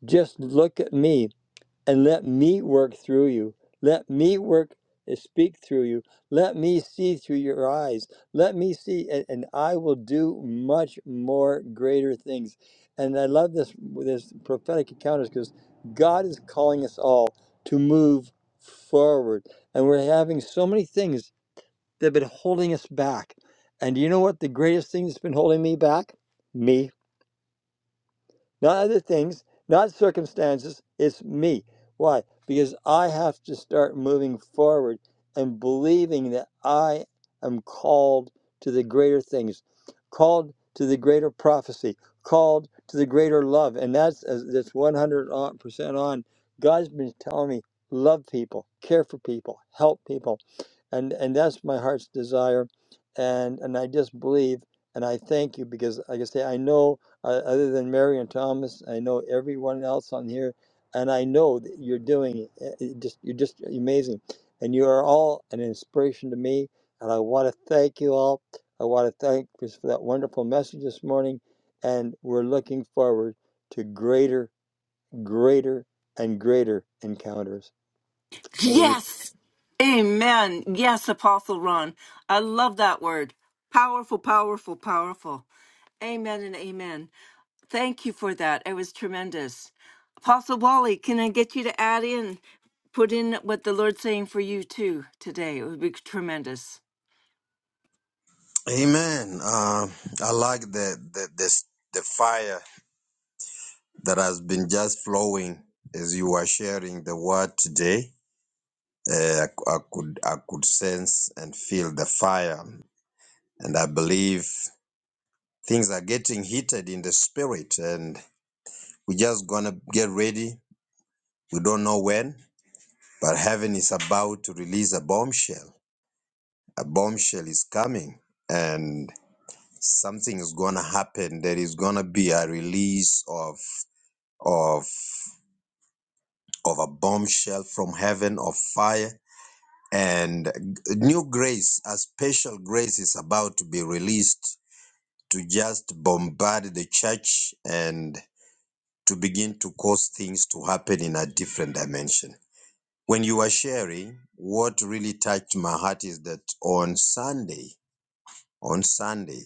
Just look at me and let me work through you. Let me work and speak through you. Let me see through your eyes. Let me see, and, and I will do much more greater things. And I love this this prophetic encounters because God is calling us all to move forward, and we're having so many things that have been holding us back. And do you know what the greatest thing that's been holding me back? Me not other things, not circumstances. It's me. Why? Because I have to start moving forward and believing that I am called to the greater things, called to the greater prophecy, called to the greater love. And that's uh, that's 100% on. God's been telling me love people, care for people, help people. And and that's my heart's desire. And and I just believe and I thank you because like I say I know uh, other than Mary and Thomas, I know everyone else on here, and I know that you're doing it. Uh, it Just you're just amazing, and you are all an inspiration to me. And I want to thank you all. I want to thank you for that wonderful message this morning, and we're looking forward to greater, greater, and greater encounters. I really Yes. Amen. Yes, Apostle Ron. I love that word. Powerful, powerful, powerful. Amen and amen. Thank you for that. It was tremendous. Apostle Wally, can I get you to add in, put in what the Lord's saying for you too today? It would be tremendous. Amen. Uh, I like the the this the fire that has been just flowing as you are sharing the word today. Uh, I, cou- I could I could sense and feel the fire, and I believe things are getting heated in the spirit, and we're just gonna get ready. We don't know when, but heaven is about to release a bombshell. A bombshell is coming, and something is gonna happen. There is gonna be a release of of of a bombshell from heaven of fire and new grace a special grace is about to be released to just bombard the church and to begin to cause things to happen in a different dimension when you are sharing what really touched my heart is that on sunday on sunday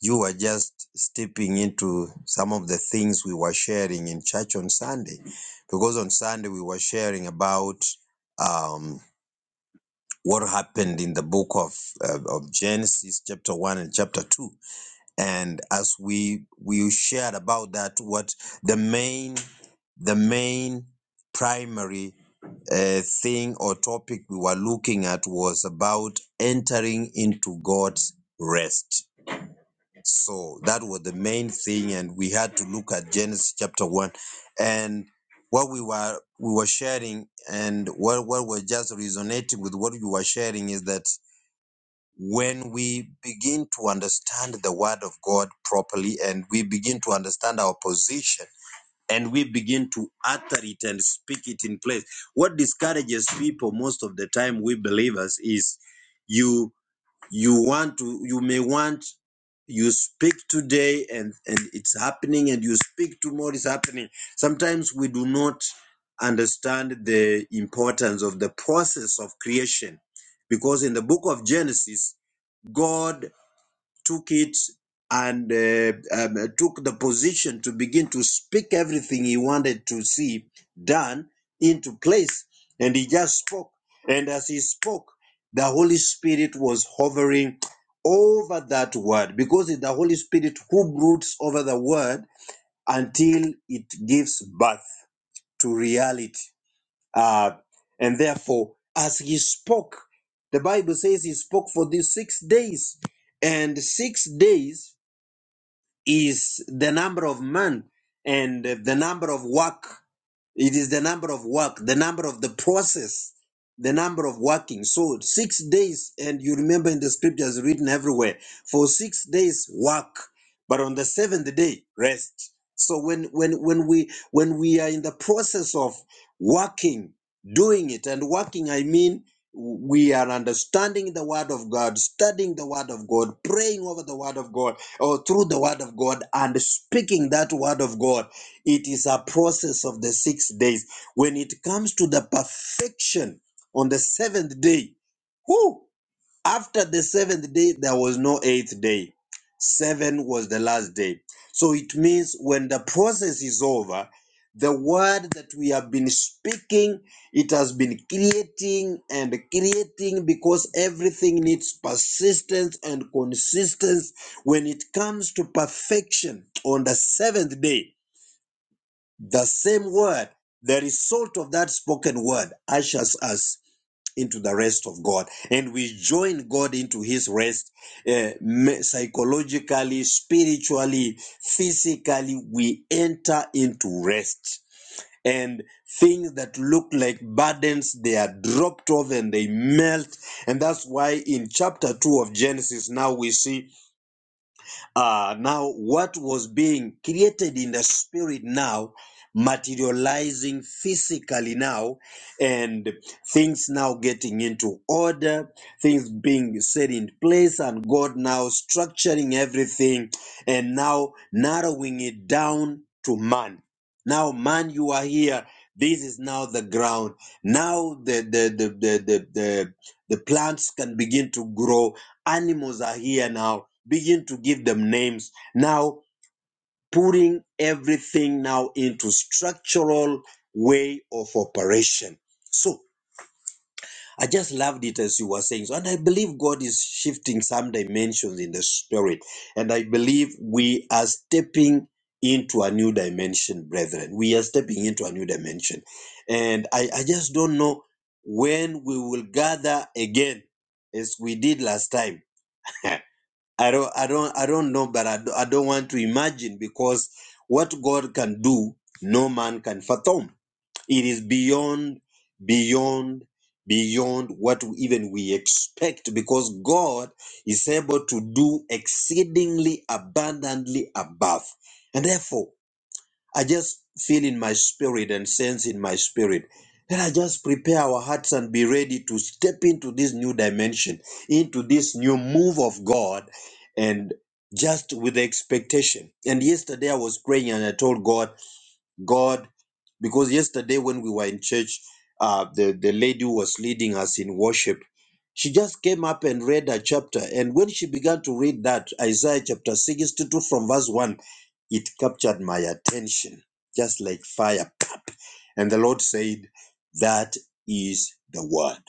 You were just stepping into some of the things we were sharing in church on Sunday, because on Sunday we were sharing about um, what happened in the book of uh, of Genesis, chapter one and chapter two, and as we we shared about that, what the main the main primary uh, thing or topic we were looking at was about entering into God's rest so that was the main thing, and we had to look at Genesis chapter one, and what we were we were sharing, and what what was just resonating with what you were sharing is that when we begin to understand the Word of God properly, and we begin to understand our position, and we begin to utter it and speak it in place. What discourages people most of the time, we believers, is you you want to you may want you speak today and and it's happening and you speak tomorrow it's happening sometimes we do not understand the importance of the process of creation because in the book of genesis god took it and uh, um, uh, took the position to begin to speak everything he wanted to see done into place. And he just spoke. And as he spoke, the Holy Spirit was hovering over that word because it's the Holy Spirit who broods over the word until it gives birth to reality. Uh, and therefore, as he spoke, the Bible says he spoke for these six days. And six days is the number of man and the number of work. It is the number of work, the number of the process, the number of working. So six days, and you remember in the scriptures written everywhere, for six days work, but on the seventh day rest. So when when when we when we are in the process of working, doing it, and working, I mean we are understanding the word of God, studying the word of God, praying over the word of God or through the word of God and speaking that word of God. It is a process of the six days. When it comes to the perfection on the seventh day, whoo, after the seventh day, there was no eighth day. Seven was the last day. So it means when the process is over, the word that we have been speaking, it has been creating and creating because everything needs persistence and consistency. When it comes to perfection on the seventh day, the same word, the result of that spoken word, ushers us into the rest of God. And we join God into his rest uh, me- psychologically, spiritually, physically. We enter into rest. And things that look like burdens, they are dropped off and they melt. And that's why in chapter 2 of Genesis, now we see uh, now, what was being created in the spirit now, materializing physically now, and things now getting into order, things being set in place, and God now structuring everything and now narrowing it down to man. Now, man, you are here. This is now the ground. Now the the the the the, the, the plants can begin to grow. Animals are here now begin to give them names now putting everything now into structural way of operation so i just loved it as you were saying so and i believe god is shifting some dimensions in the spirit and i believe we are stepping into a new dimension brethren we are stepping into a new dimension and i, I just don't know when we will gather again as we did last time *laughs* I don't, I don't, I don't know, but I, do, I don't want to imagine because what God can do, no man can fathom. It is beyond, beyond, beyond what even we expect because God is able to do exceedingly abundantly above. And therefore, I just feel in my spirit and sense in my spirit. Let us just prepare our hearts and be ready to step into this new dimension, into this new move of God, and just with the expectation. And yesterday I was praying and I told God. God, because yesterday when we were in church, uh, the, the lady who was leading us in worship. She just came up and read a chapter. And when she began to read that, Isaiah chapter 62 from verse 1, it captured my attention just like fire. Pap! And the Lord said, That is the word.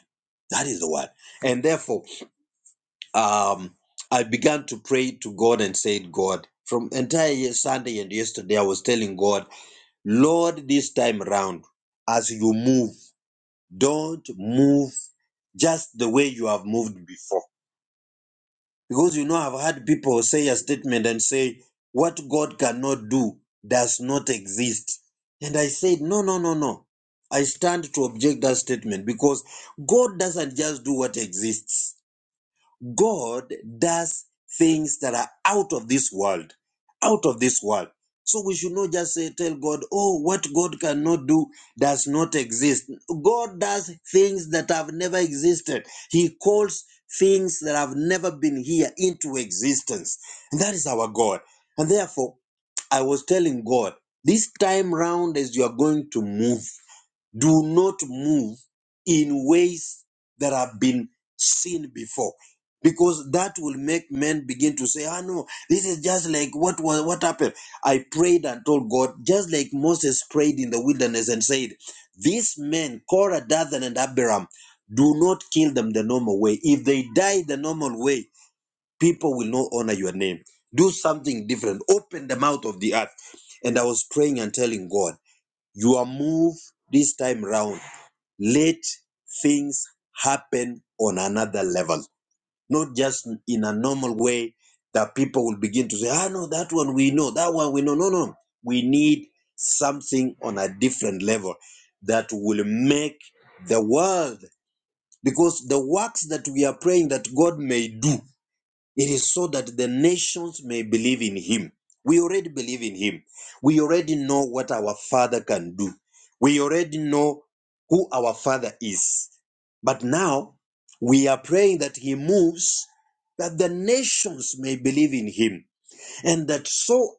That is the word. And therefore, um, I began to pray to God and said, God, from entire year, Sunday and yesterday, I was telling God. Lord, this time round, as you move, don't move just the way you have moved before. Because you know, I've had people say a statement and say, what God cannot do does not exist. And I said, no, no, no, no. I stand to object that statement because God doesn't just do what exists. God does things that are out of this world, out of this world. So we should not just say, tell God, oh, what God cannot do does not exist. God does things that have never existed. He calls things that have never been here into existence. And that is our God. And therefore, I was telling God, this time round, as you are going to move, do not move in ways that have been seen before because that will make men begin to say ah no this is just like what was what happened i prayed and told god just like moses prayed in the wilderness and said these men korah dathan and abiram do not kill them the normal way if they die the normal way people will not honor your name do something different open the mouth of the earth and i was praying and telling god your move this time round let things happen on another level, not just in a normal way that people will begin to say, ah, no, that one we know, that one we know. No, no. We need something on a different level that will make the world, because the works that we are praying that God may do it is so that the nations may believe in him. We already believe in him. We already know what our father can do. We already know who our father is. But now we are praying that he moves, that the nations may believe in him, and that so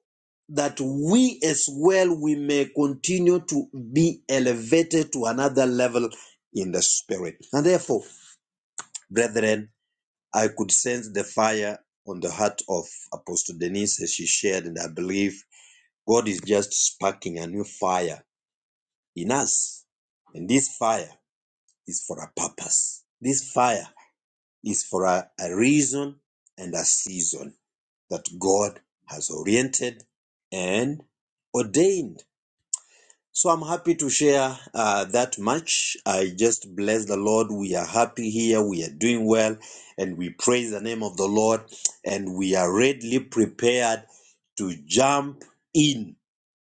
that we as well we may continue to be elevated to another level in the spirit. And therefore, brethren, I could sense the fire on the heart of Apostle Denise as she shared, and I believe God is just sparking a new fire in us. And this fire is for a purpose. This fire is for a, a reason and a season that God has oriented and ordained So I'm happy to share uh, that much. I just bless the Lord. We are happy here. We are doing well. And we praise the name of the Lord. And we are readily prepared to jump in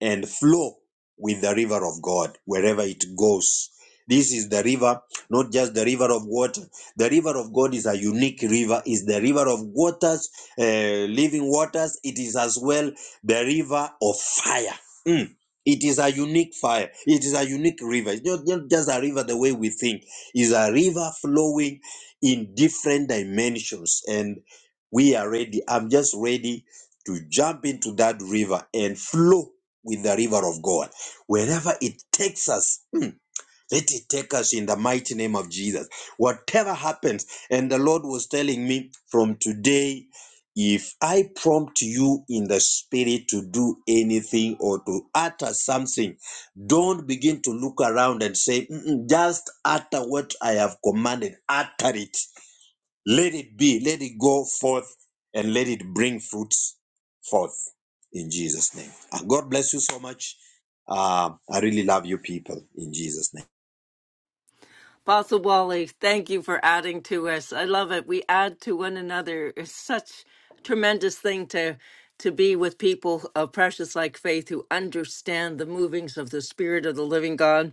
and flow with the river of God wherever it goes. This is the river, not just the river of water. The river of God is a unique river, It's the river of waters, uh, living waters. It is as well the river of fire. Mm. It is a unique fire. It is a unique river. It's not, not just a river the way we think. It's a river flowing in different dimensions. And we are ready. I'm just ready to jump into that river and flow with the river of God. Wherever it takes us, mm, let it take us in the mighty name of Jesus. Whatever happens, and the Lord was telling me from today, if I prompt you in the spirit to do anything or to utter something, don't begin to look around and say, "Mm-mm, just utter what I have commanded, utter it. Let it be, let it go forth, and let it bring fruits forth in Jesus' name. And God bless you so much. Uh, I really love you people in Jesus' name. Apostle Wally, thank you for adding to us. I love it. We add to one another. It's such a tremendous thing to to be with people of precious like faith who understand the movings of the Spirit of the Living God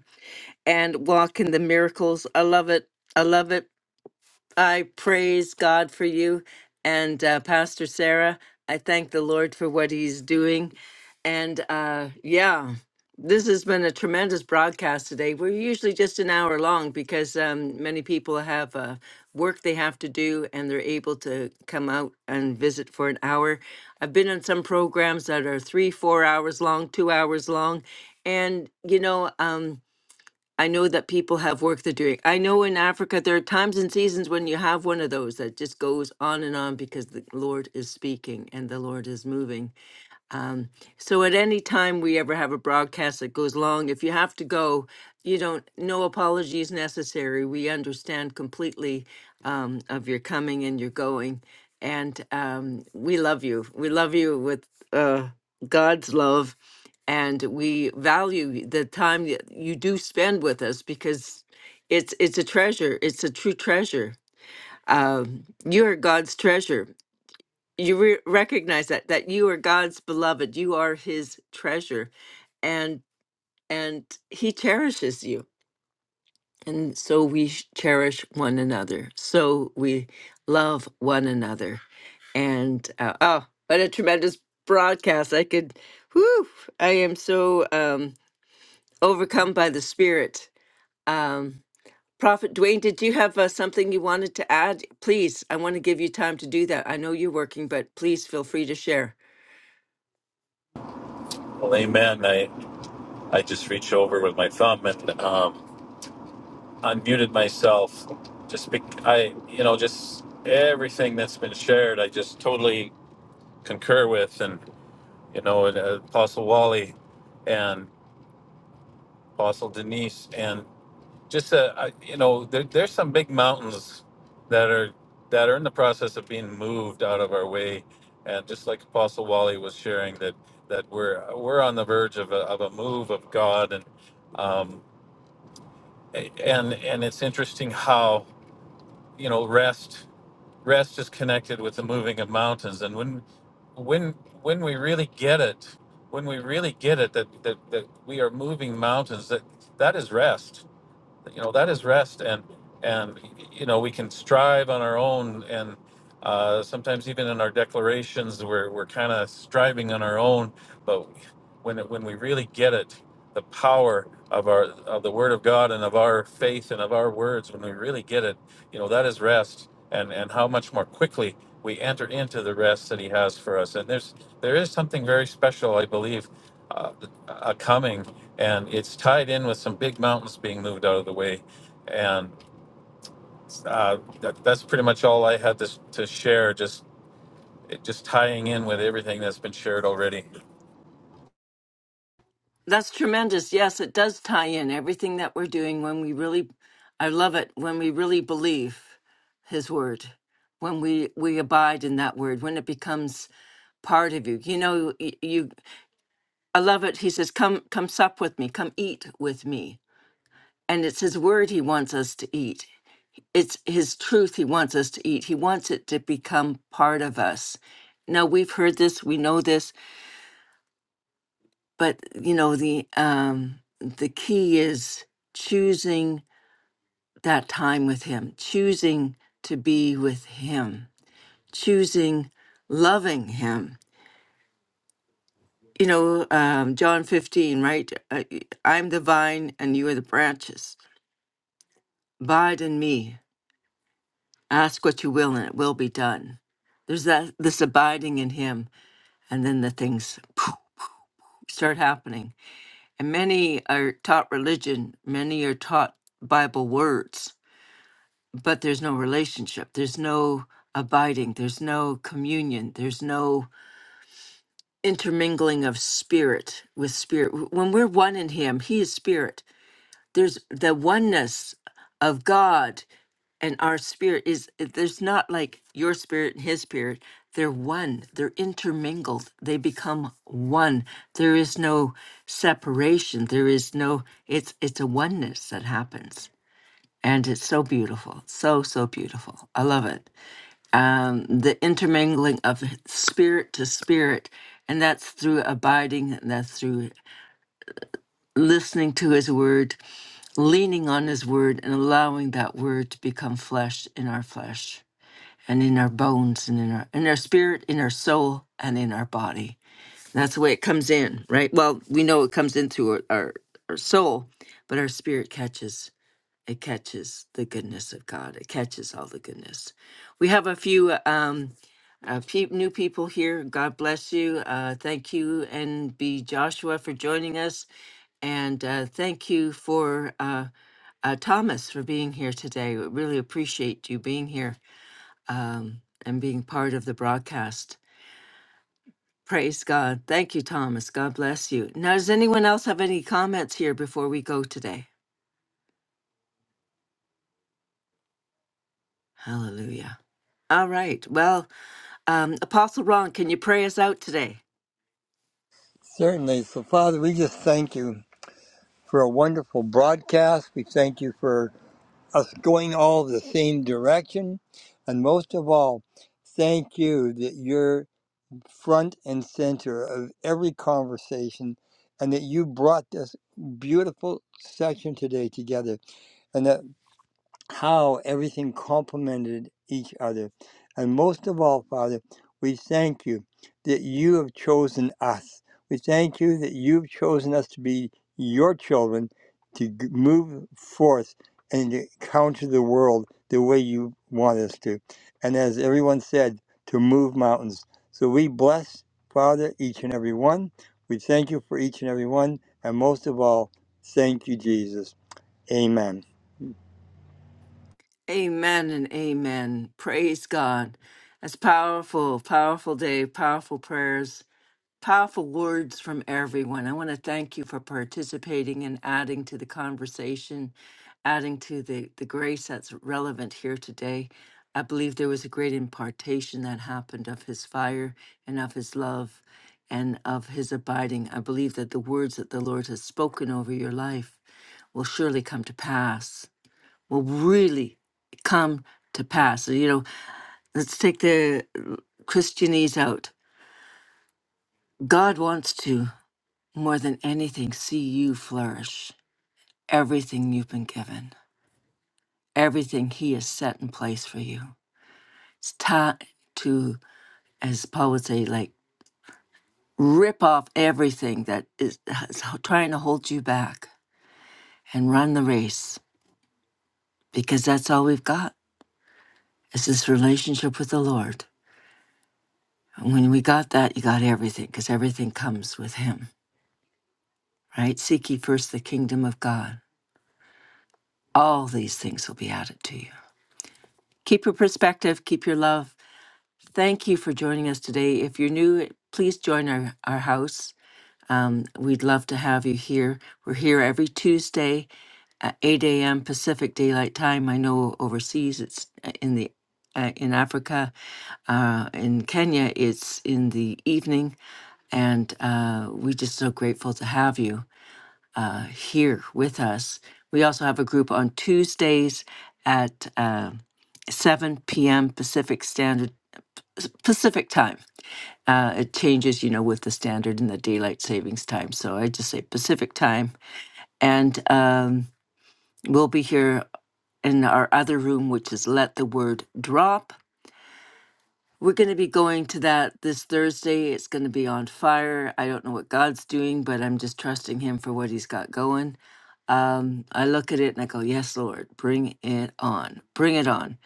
and walk in the miracles. I love it. I love it. I praise God for you and uh, Pastor Sarah. I thank the Lord for what He's doing. And uh, yeah, this has been a tremendous broadcast today. We're usually just an hour long because um, many people have uh, work they have to do and they're able to come out and visit for an hour. I've been on some programs that are three, four hours long, two hours long. And, you know, um, I know that people have work they're doing. I know in Africa there are times and seasons when you have one of those that just goes on and on because the Lord is speaking and the Lord is moving. So at any time we ever have a broadcast that goes long, if you have to go, you don't, no apologies necessary. We understand completely um, of your coming and your going. And um, we love you. We love you with uh, God's love. And we value the time that you do spend with us because it's it's a treasure. It's a true treasure. Um, you are God's treasure, you re- recognize that that you are God's beloved, you are His treasure, and and He cherishes you, and so we sh- cherish one another. So we love one another, and uh, oh, what a tremendous broadcast! I could, whoo! I am so um, overcome by the Spirit. Um, Prophet Dwayne, did you have uh, something you wanted to add? Please, I want to give you time to do that. I know you're working, but please feel free to share. Well, amen. I, I just reached over with my thumb and um, unmuted myself. Just be, I, you know, just everything that's been shared, I just totally concur with, and you know, and, uh, Apostle Wally and Apostle Denise, and just uh, I, you know, there, there's some big mountains that are that are in the process of being moved out of our way, and just like Apostle Wally was sharing that that we're we're on the verge of a, of a move of God and. Um, and and it's interesting how you know rest rest is connected with the moving of mountains and when when when we really get it when we really get it that that, that we are moving mountains that that is rest you know that is rest and and you know we can strive on our own and uh, sometimes even in our declarations we're, we're kind of striving on our own but when it, when we really get it the power of our of the word of god and of our faith and of our words when we really get it you know that is rest and and how much more quickly we enter into the rest that he has for us and there's there is something very special i believe uh, uh, coming and it's tied in with some big mountains being moved out of the way. And uh, that, that's pretty much all I had to, to share. Just it, just tying in with everything that's been shared already. That's tremendous. Yes, it does tie in everything that we're doing when we really I love it when we really believe his word. When we we abide in that word, when it becomes part of you. You know, y- you I love it. He says, "Come come sup with me. Come eat with me." And it's his word he wants us to eat. It's his truth he wants us to eat. He wants it to become part of us. Now we've heard this, we know this, but you know the um the key is choosing that time with him choosing to be with him choosing loving him you know um john 15 right Uh, y- i'm the vine and you are the branches abide in me ask what you will and it will be done there's that this abiding in him and then the things poof, start happening and many are taught religion many are taught bible words but there's no relationship there's no abiding there's no communion there's no intermingling of spirit with spirit W- when we're one in him he is spirit there's the oneness of god and our spirit is there's not like your spirit and his spirit they're one they're intermingled they become one there is no separation there is no it's it's a oneness that happens and it's so beautiful so so beautiful i love it um, the intermingling of spirit to spirit, and that's through abiding, and that's through listening to His Word, leaning on His Word, and allowing that Word to become flesh in our flesh, and in our bones, and in our in our spirit, in our soul, and in our body. That's the way it comes in, right? Well, we know it comes in through our our, our soul, but our spirit catches. It catches the goodness of God. It catches all the goodness. We have a few uh, um, a few new people here. God bless you. Uh, thank you, NB Joshua, for joining us, and uh, thank you for uh, uh, Thomas for being here today. We really appreciate you being here um, and being part of the broadcast. Praise God. Thank you, Thomas. God bless you. Now, does anyone else have any comments here before we go today? Hallelujah. All right. Well. Um, Apostle Ron, can you pray us out today? Certainly. So, Father, we just thank you for a wonderful broadcast. We thank you for us going all the same direction. And most of all, thank you that you're front and center of every conversation and that you brought this beautiful section today together. and that how everything complemented each other. And most of all, Father, we thank you that you have chosen us. We thank you that you've chosen us to be your children, to g- move forth and to counter the world the way you want us to. And as everyone said, to move mountains. So we bless, Father, each and every one. We thank you for each and every one. And most of all, thank you, Jesus. Amen. Amen and amen. Praise God. That's powerful, powerful day, powerful prayers, powerful words from everyone. I want to thank you for participating and adding to the conversation, adding to the, the grace that's relevant here today. I believe there was a great impartation that happened of his fire and of his love and of his abiding. I believe that the words that the Lord has spoken over your life will surely come to pass, will really come to pass. So, You know, let's take the Christianese out. God wants to, more than anything, see you flourish everything you've been given, everything He has set in place for you. It's time to, as Paul would say, like rip off everything that is, is trying to hold you back and run the race because that's all we've got is this relationship with the Lord. And when we got that, you got everything because everything comes with Him, right? Seek ye first the kingdom of God. All these things will be added to you. Keep your perspective, keep your love. Thank you for joining us today. If you're new, please join our, our house. Um, we'd love to have you here. We're here every Tuesday at 8 a.m. Pacific Daylight Time. I know overseas it's uh, in the uh, in Africa, uh, in Kenya, it's in the evening, and uh, we're just so grateful to have you. uh, here with us. We also have a group on Tuesdays at uh, 7 p.m. Pacific Standard Pacific Time. Uh, it changes, you know, with the standard and the daylight savings time. So I just say Pacific Time, and um, we'll be here in our other room, which is Let the Word Drop. We're going to be going to that this Thursday. It's going to be on fire. I don't know what God's doing, but I'm just trusting Him for what He's got going um, I look at it and I go, "Yes, Lord, bring it on, bring it on."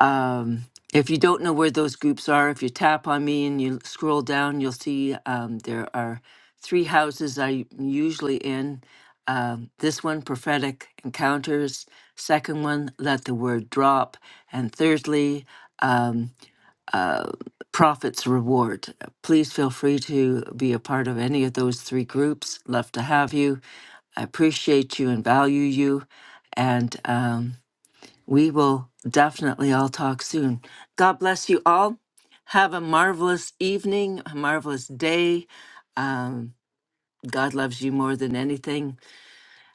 Um, if you don't know where those groups are, if you tap on me and you scroll down, you'll see um, there are three houses I'm usually in. Um, this one, prophetic encounters. Second one, let the word drop. And thirdly, um, uh, prophet's reward. Please feel free to be a part of any of those three groups. Love to have you I appreciate you and value you. And um, we will definitely all talk soon. God bless you all. Have a marvelous evening, a marvelous day. Um, God loves you more than anything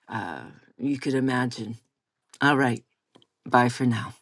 uh, you could imagine. All right. Bye for now.